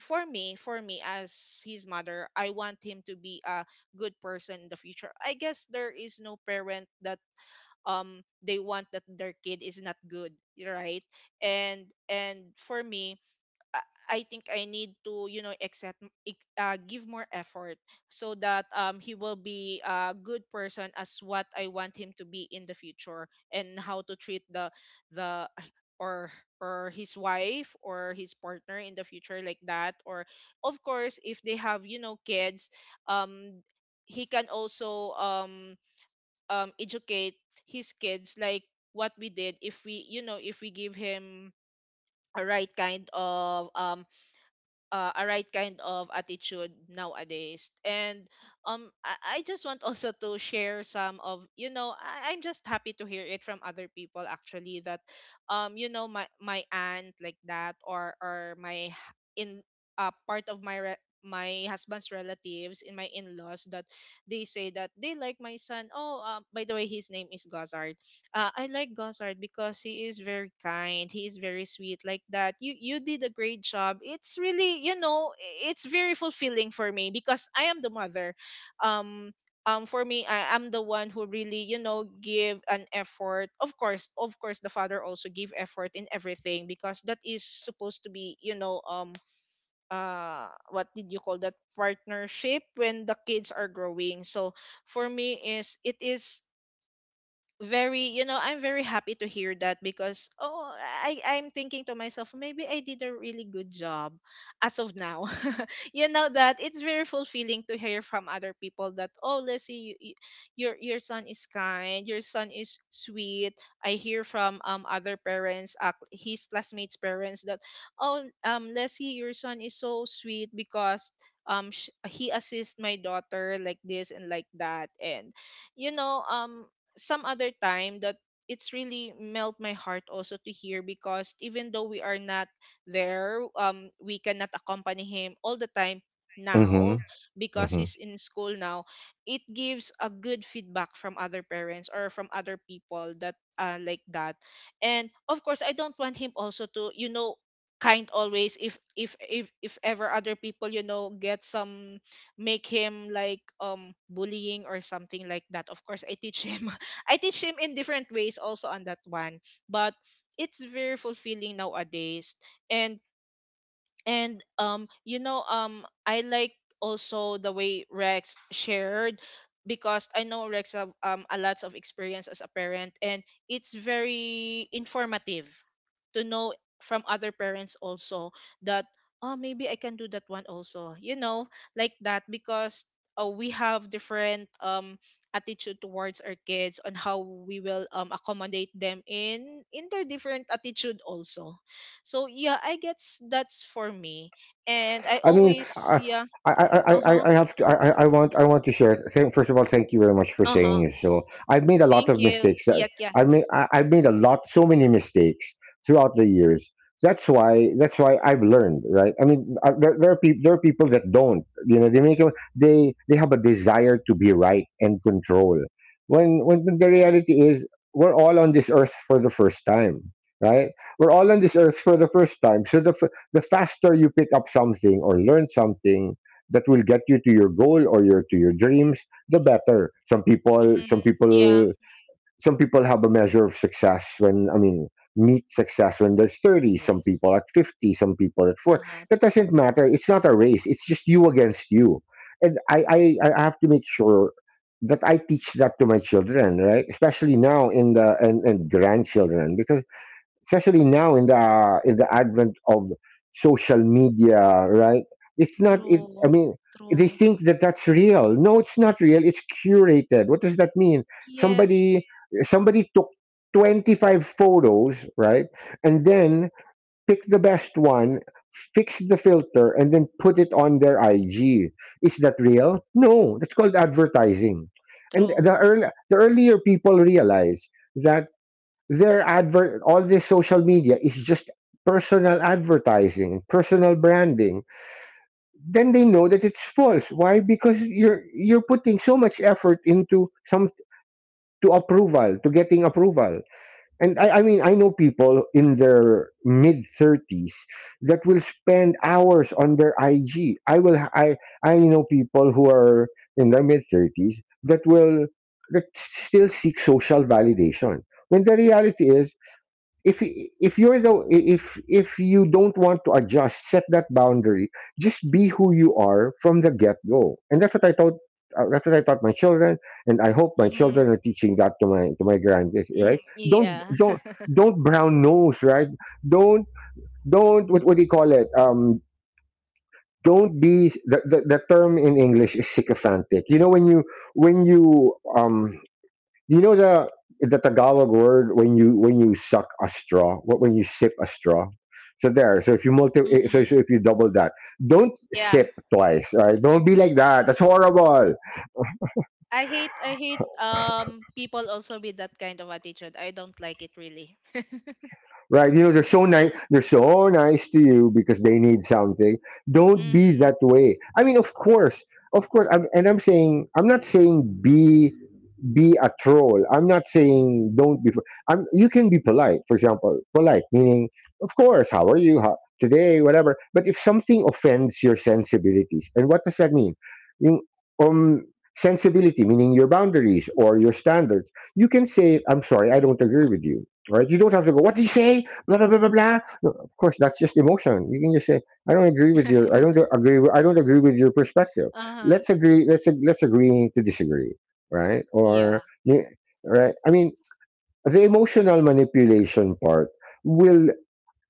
C: for me as his mother, I want him to be a good person in the future. I guess there is no parent that, they want that their kid is not good, right? And for me, I I think I need to, you know, accept, give more effort so that, he will be a good person as what I want him to be in the future, and how to treat the, or or his wife or his partner in the future, like that, or of course if they have, you know, kids, um he can also educate his kids, like what we did, if we, you know, if we give him a right kind of, a right kind of attitude nowadays. And I just want also to share some of I'm just happy to hear it from other people actually that you know my aunt like that or in part of my husband's relatives in my in-laws that they say that they like my son. Oh, by the way his name is Gazar. I like Gosard because he is very kind. He is very sweet like that. You did a great job. It's really, it's very fulfilling for me because I am the mother. Um for me, I am the one who really, you know, give an effort. Of course the father also give effort in everything because that is supposed to be, you know, what did you call that, partnership when the kids are growing. So for me is, it is very, you know, I'm very happy to hear that because, oh, I'm thinking to myself, maybe I did a really good job as of now. You know that it's very fulfilling to hear from other people that, oh, Leslie, us you, your son is kind, your son is sweet. I hear from other parents, his classmates parents, that, oh, Leslie, your son is so sweet because he assists my daughter like this and like that, and you know some other time that it's really melt my heart also to hear because even though we are not there, we cannot accompany him all the time
B: Hmm.
C: now because
B: Hmm.
C: he's in school now. It gives a good feedback from other parents or from other people that like that. And of course I don't want him also to, you know, kind always if ever other people, you know, get some, make him like bullying or something like that. Of course, I teach him, I teach him in different ways also on that one. But it's very fulfilling nowadays. And you know I like also the way Rex shared because I know Rex have a lot of experience as a parent, and it's very informative to know from other parents also that, oh, maybe I can do that one also, you know, like that because we have different attitude towards our kids on how we will accommodate them in their different attitude also. So yeah, I guess that's for me. And I
B: I mean,
C: always, yeah. Uh-huh.
B: I have to. I want. I want to share. First of all, thank you very much for
C: Uh-huh.
B: saying this. So I've made a lot
C: Thank
B: of
C: you.
B: mistakes. That
C: Yeah, yeah.
B: I made. I've made a lot. So many mistakes throughout the years. That's why. That's why I've learned. Right. I mean, there are people. There are people that don't. You know, they make. They have a desire to be right and control. When the reality is, we're all on this earth for the first time. Right. We're all on this earth for the first time. So the faster you pick up something or learn something that will get you to your goal or your to your dreams, the better.
C: Mm-hmm. Yeah.
B: Some people have a measure of success when, I mean, meet success when they're 30, some
C: Yes.
B: people at 50, some people at 4.
C: Uh-huh.
B: That doesn't matter. It's not a race. It's just you against you. And I have to make sure that I teach that to my children, right? Especially now and grandchildren, because especially now in the advent of social media, right? It's not, it I
C: True.
B: mean, they
C: True.
B: think that that's real. No, it's not real, it's curated. What does that mean?
C: Yes.
B: somebody Somebody took 25 photos, right? And then pick the best one, fix the filter, and then put it on their IG. Is that real? No, that's called advertising. And
C: True.
B: the earlier people realize that, their advert all this social media is just personal advertising, personal branding, then they know that it's false. Why? Because you're putting so much effort into some to approval to getting approval. And I mean, I know people in their mid 30s that will spend hours on their IG. I will I know people who are in their mid 30s that will that still seek social validation, when the reality is, if you're the if you don't want to adjust, set that boundary. Just be who you are from the get-go, and that's what I taught, my children, and I hope my
C: Mm-hmm.
B: children are teaching that to my grandkids,
C: Hmm.
B: right? don't
C: Yeah.
B: don't don't brown nose, right? don't don't What, do you call it, don't be the— term in english is sycophantic. You know, when you, when you um you know, the Tagalog word, when you, suck a straw, what when you sip a straw. So there. So if you
C: Mm-hmm.
B: double that, don't
C: Yeah.
B: sip twice. Right? Don't be like that. That's horrible.
C: I hate people also with that kind of attitude. I don't like it really.
B: Right? You know they're so nice. They're so nice to you because they need something. Don't be
C: Mm-hmm.
B: that way. I mean, of course, And I'm saying, I'm not saying be a troll. I'm not saying don't be. I'm. You can be polite. For example, polite meaning, of course, how are you today, whatever. But if something offends your sensibilities, and what does that mean? You, um, Sensibility meaning your boundaries or your standards. You can say, "I'm sorry, I don't agree with you." Right? You don't have to go, "What do you say? Blah blah blah blah blah." No, of course, that's just emotion. You can just say, "I don't agree with your. I don't agree. I don't agree with your perspective."
C: Uh-huh.
B: Let's agree. Let's agree to disagree, right?
C: Yeah.
B: Right? I mean, the emotional manipulation part will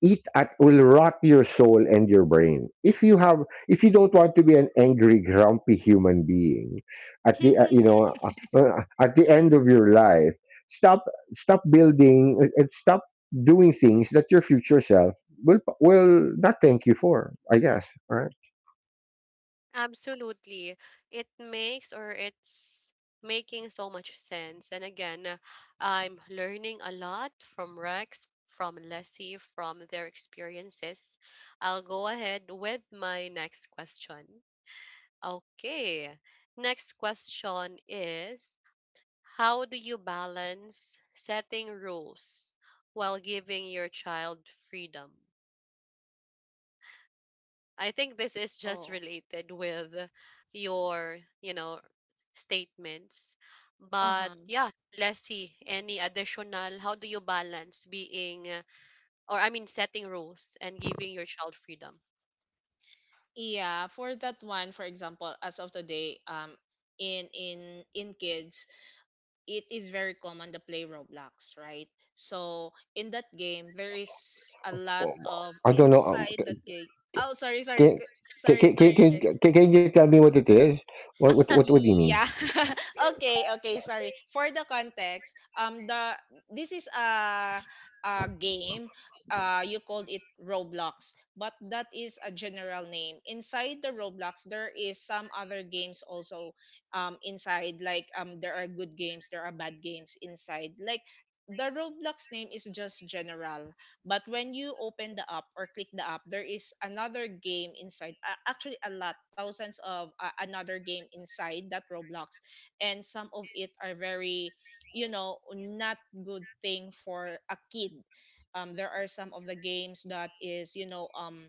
B: eat at will rot your soul and your brain. If you don't want to be an angry, grumpy human being, at the end of your life, stop stop building, and stop doing things that your future self will not thank you for, I guess, all right?
A: Absolutely. It makes, or it's making so much sense. And again, I'm learning a lot from Rex, from Leslie, from their experiences. I'll go ahead with my next question. Okay. Next question is, how do you balance setting rules while giving your child freedom? I think this is just
C: Oh.
A: related with your, you know, statements. But
C: Uh-huh.
A: yeah, Leslie, any additional? How do you balance being, or I mean, setting rules and giving your child freedom?
C: Yeah, for that one, for example, as of today, in kids, it is very common to play Roblox, right? So in that game, there is a lot
B: Well,
C: of
B: I don't know.
C: inside that game. Oh, sorry, sorry,
B: Can can
C: sorry,
B: can can
C: sorry,
B: can
C: Rex.
B: can can you tell me what it is? What do you mean?
C: Yeah. Okay, okay, sorry. For the context, the this is a game. You called it Roblox, but that is a general name. Inside the Roblox, there is some other games also inside. Like there are good games, there are bad games inside. Like, the Roblox name is just general. But when you open the app or click the app, there is another game inside. Actually, a lot, thousands of another game inside that Roblox, and some of it are very, you know, not good thing for a kid. There are some of the games that is, you know,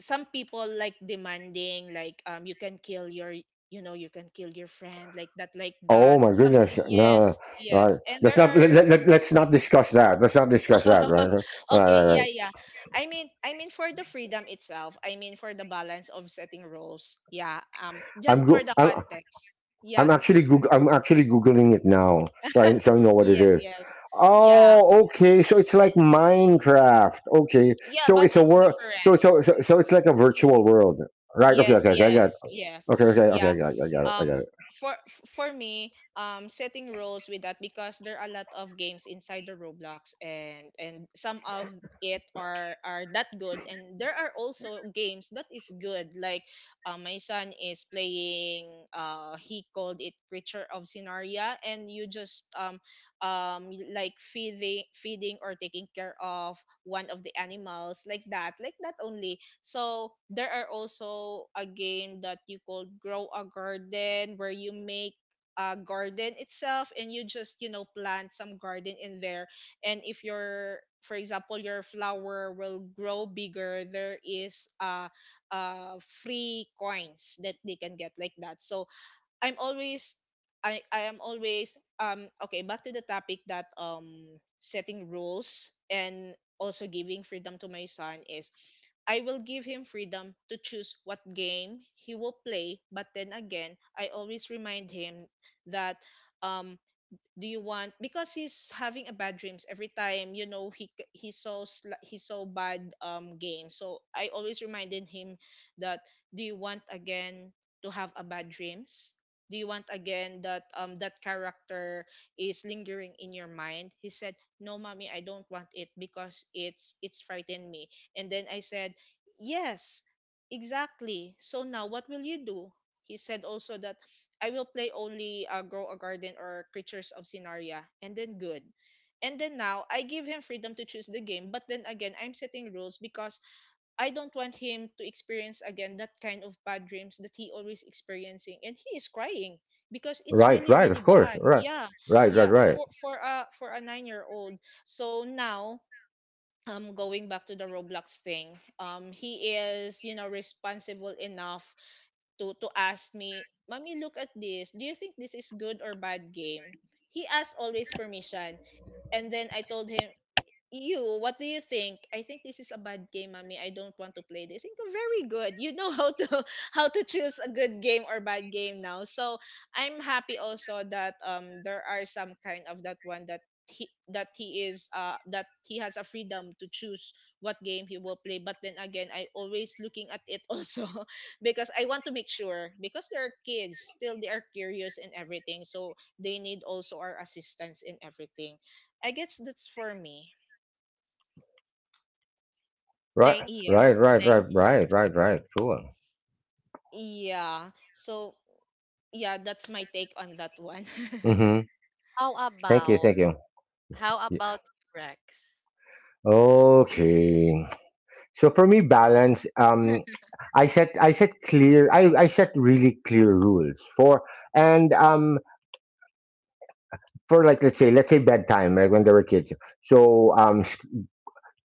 C: some people like demanding, like you can kill your, you know, you can kill your friend, like that, like
B: Oh
C: that.
B: my
C: Some
B: goodness! No,
C: yes,
B: right.
C: yes, and there are
B: Let's not discuss that. Let's not discuss that. Right, right, right.
C: okay,
B: Right. Right.
C: yeah, yeah. I mean for the freedom itself. I mean for the balance of setting rules. Yeah.
B: I'm
C: Just for
B: go-
C: the context. Yeah.
B: I'm actually Goog- I'm actually googling it now, so I know what it
C: Yes.
B: is.
C: Yes. Yeah.
B: Oh, okay. So it's like Minecraft. Okay,
C: Yeah.
B: so
C: But
B: it's a
C: it's
B: world. So
C: different.
B: so so so it's like a virtual world. Right. Okay.
C: Yes,
B: Okay. Okay. I got it.
C: yes, yes.
B: Okay. Okay. Okay.
C: Yeah.
B: I got it. I got it. I
C: Um
B: got it.
C: for for me, setting rules with that because there are a lot of games inside the Roblox, and some of it are that good, and there are also games that is good like my son is playing, he called it Creature of Scenaria, and you just like feeding or taking care of one of the animals like that, like that only. So there are also a game that you called Grow a Garden where you make a garden itself, and you just, you know, plant some garden in there. And if your, for example, your flower will grow bigger, there is free coins that they can get like that. So I'm always, I am always okay, back to the topic, that setting rules and also giving freedom to my son is, I will give him freedom to choose what game he will play, but then again, I always remind him that um do you want, because he's having a bad dreams every time, you know, he saw he saw bad games, so I always reminded him that, do you want again to have a bad dreams, do you want again that that character is lingering in your mind? He said, no mommy, I don't want it because it's frightened me. And then I said, yes, exactly, so now what will you do? He said also that I will play only Grow a Garden or Creatures of Scenaria, and then good. And then now, I give him freedom to choose the game, but then again, I'm setting rules because I don't want him to experience again that kind of bad dreams that he always experiencing, and he is crying because it's
B: Right.
C: really
B: Right. Of
C: really
B: course.
C: bad.
B: Right.
C: Yeah,
B: Right. Right.
C: yeah.
B: Right.
C: For a 9-year old. So now, going back to the Roblox thing, he is, you know, responsible enough to ask me, "Mommy, look at this. Do you think this is good or bad game?" He asked always permission. And then I told him, you, what do you think? I think this is a bad game, mommy. I don't want to play this. I think very good. You know how to how to choose a good game or bad game now. So I'm happy also that there are some kind of that one that he is that he has a freedom to choose what game he will play. But then again, I always looking at it also because I want to make sure because they're kids, still they are curious and everything. So they need also our assistance in everything. I guess that's for me.
B: Right,
A: Thank
C: Yeah.
B: right,
A: you.
B: right,
A: Thank.
B: right,
C: Mhm.
B: right, right, right. Sure.
C: Yeah. So, yeah, that's my take on that one.
B: Mm-hmm.
A: How
B: Thank you,
A: about
B: thank you.
A: how
B: Yeah.
A: about Rex?
B: Okay. So for me, balance. I set clear. I set really clear rules for and for, like, let's say bedtime, like when they were kids. So um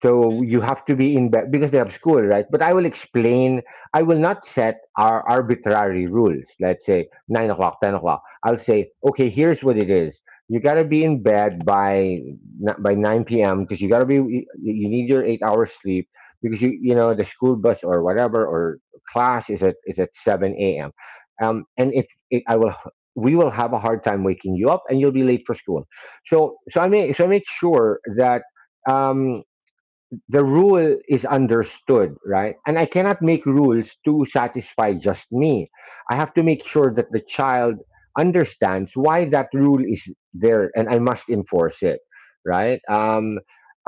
B: So you
C: Mhm.
B: have to be in bed because they have school, right? But I will explain. I will not set our arbitrary rules. Let's say 9 o'clock, 10 o'clock. I'll say, okay, here's what it is. You gotta be in bed by by nine p.m., because you gotta be. You need your 8 hours sleep, because you know the school bus or whatever, or class is at seven a.m. And if it, I will, we will have a hard time waking you up, and you'll be late for school. I make sure that. Um, the rule is understood, right? And I cannot make rules to satisfy just me. I have to make sure that the child understands why that rule is there, and I must enforce it, right?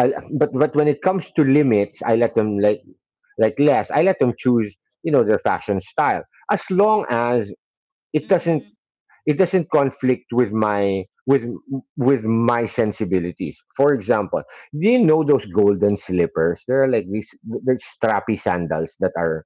B: I, but when it comes to limits, I let them, like less. I let them choose, you know, their fashion style, as long as it doesn't
C: Mhm.
B: it doesn't conflict with my sensibilities. For example, do you know those golden slippers? They are like these— there's strappy sandals that are,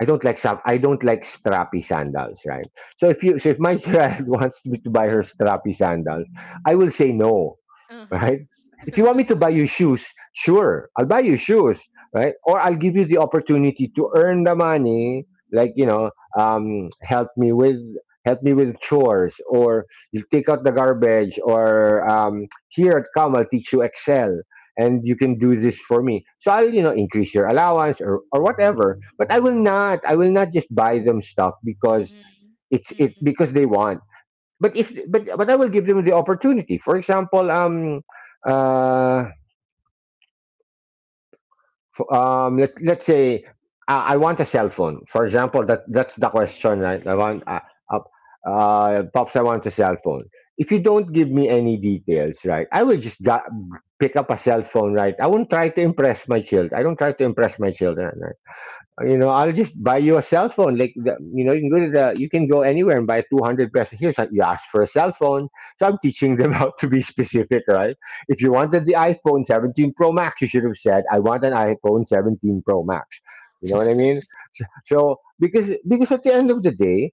B: I don't like strappy sandals, right? So if you, so if my child wants me to buy her strappy sandals, I will say no,
C: Uh-huh.
B: right? If you want me to buy you shoes, sure, I'll buy you shoes, right? Or I'll give you the opportunity to earn the money, like, you know, um, help me with help me with chores, or you take out the garbage, or here come I'll teach you Excel, and you can do this for me. So I'll, you know, increase your allowance or whatever, but I will not just buy them stuff because
C: Mhm.
B: it's it
C: Mhm.
B: because they want. But if, but but I will give them the opportunity. For example, uh, let's say, I want a cell phone. For example, that that's the question, right? I want, uh, pops, I want a cell phone. If you don't give me any details, right, I will just pick up a cell phone, right? I won't try to impress my child. I don't try to impress my children, right? I'll just buy you a cell phone. Like, you can go to you can go anywhere and buy 200 pesos. You ask for a cell phone. So I'm teaching them how to be specific, right? If you wanted the iPhone 17 Pro Max, you should have said, I want an iPhone 17 Pro Max. You know what I mean? So because at the end of the day,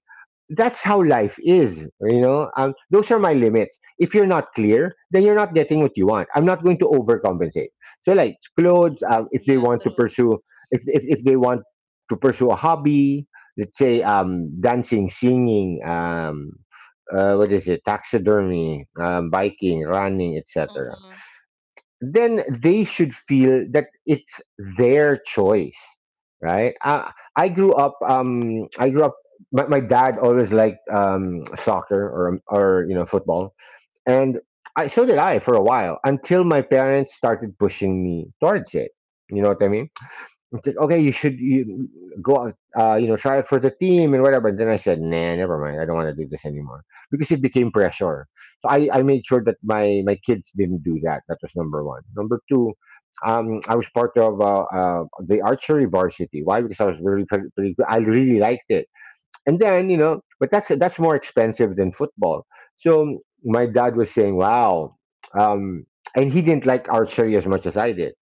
B: that's how life is. Those are my limits. If you're not clear, then you're not getting what you want. I'm not going to overcompensate. So like clothes, if they
C: Yeah,
B: want to
C: true.
B: pursue if they want to pursue a hobby, let's say dancing, singing, what is it, taxidermy, biking, running, etc.,
C: Uh-huh.
B: then they should feel that it's their choice, right? I grew up, I grew up, my dad always liked soccer, or football. And so did I for a while until my parents started pushing me towards it. You know what I mean? It's like, okay, you should you go out, try it for the team and whatever. And then I said, nah, never mind. I don't want to do this anymore because it became pressure. So I made sure that my kids didn't do that. That was number one. Number two, I was part of the archery varsity. Why? Because I was really pretty good. I really liked it. And then you know, but that's more expensive than football. So my dad was saying, wow, um, and he didn't like archery as much as I did,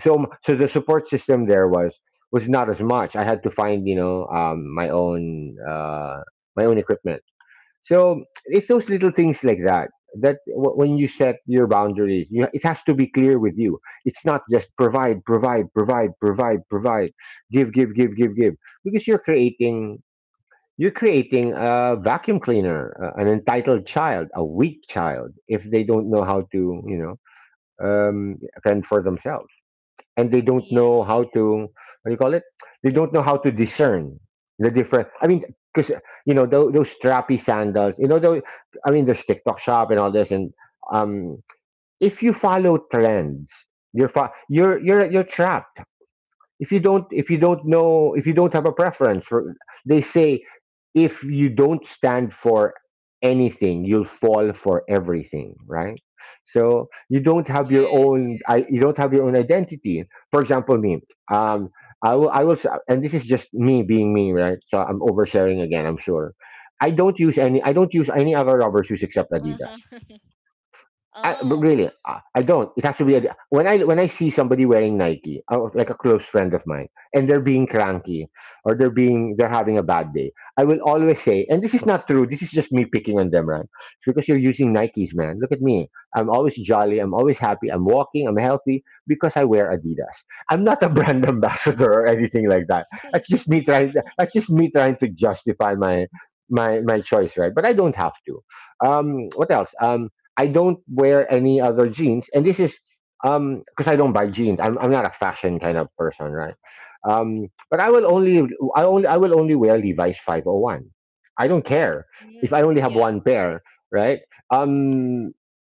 B: so the support system there was not as much. I had to find my own equipment. So it's those little things like that that when you set your boundaries, you, it has to be clear with you. It's not just provide, give, because you're creating, you're creating a vacuum cleaner, an entitled child, a weak child, if they don't know how to um fend for themselves, and they don't
C: Yeah.
B: know how to, what do you call it, they don't know how to discern the different, I mean, because you know those strappy sandals, you know those, I mean there's TikTok shop and all this, and um if you follow trends, you're you're trapped. If you don't, if you don't know, if you don't have a preference for, they say, if you don't stand for anything, you'll fall for everything, right? So you don't have your
C: Yes.
B: own, I you don't have your own identity. For example, me, um and this is just me being me, right? So I'm oversharing again, I'm sure. I don't use any other rubber shoes except
C: Uh-huh.
B: Adidas. But
C: Oh.
B: really, I don't. It has to be a, when I see somebody wearing Nike, like a close friend of mine, and they're being cranky, or they're having a bad day, I will always say, and this is not true, this is just me picking on them, right? It's because you're using Nikes, man. Look at me. I'm always jolly. I'm always happy. I'm walking. I'm healthy because I wear Adidas. I'm not a brand ambassador or anything like that. That's just me trying. That's just me trying to justify my choice, right? But I don't have to. What else? Um, I don't wear any other jeans, and this is because I don't buy jeans. I'm not a fashion kind of person, right? But I will
C: Mhm.
B: only, I will only wear Levi's 501. I don't care if I
C: Mm,
B: only have
C: yeah.
B: one pair, right? Um,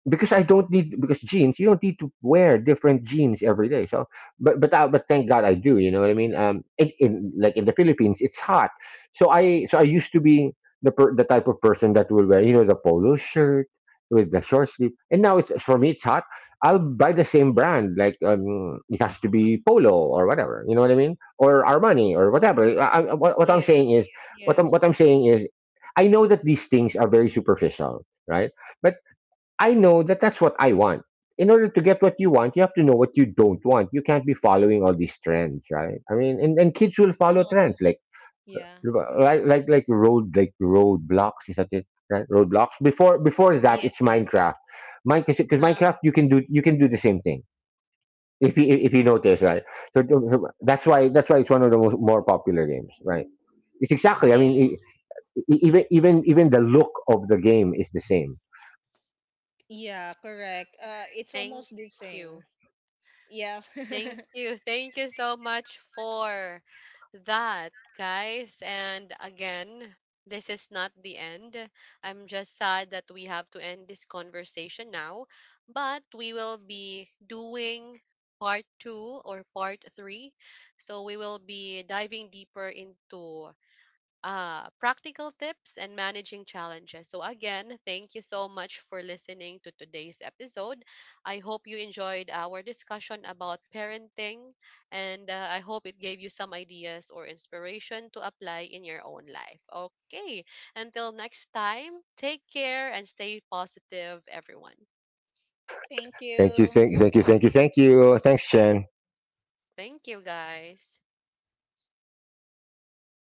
B: because I don't need, because jeans, you don't need to wear different jeans every day. So, but thank God I do. You know what I mean? In like in the Philippines, it's hot. So I used to be the type of person that will wear you know the polo shirt with the short sleeve, and now it's, for me it's hot. I'll buy the same brand, like it has to be Polo or whatever. You know what I mean? Or Armani or whatever. What I'm
C: Yeah.
B: saying is, what
C: Yes.
B: I'm saying is, I know that these things are very superficial, right? But I know that that's what I want. In order to get what you want, you have to know what you don't want. You can't be following all these trends, right? I mean, and kids will follow
C: No po.
B: trends like
C: Yeah.
B: road, like Roadblocks, is that it, right? Roadblocks. Before, before that
C: Yes,
B: it's
C: yes.
B: Minecraft. Minecraft, because
C: Uh-huh.
B: Minecraft you can do, you can do the same thing, if you, if you notice, right? That's why, that's why it's one of the most, more popular games, right? It's exactly, I mean,
C: Yes.
B: even, even the look of the game is the same.
C: Yeah, correct. It's
A: Thank
C: almost the same.
A: you.
C: Yeah.
A: Thank you. Thank you so much for that, guys. And again, this is not the end. I'm just sad that we have to end this conversation now, but we will be doing part two or part three. So we will be diving deeper into, practical tips and managing challenges. So, again, thank you so much for listening to today's episode. I hope you enjoyed our discussion about parenting, and, I hope it gave you some ideas or inspiration to apply in your own life. Okay, until next time, take care and stay positive, everyone.
C: Thank
B: Thank you,
C: you.
B: thank you, thank you, thank you, thanks Chen.
A: Thank you, guys.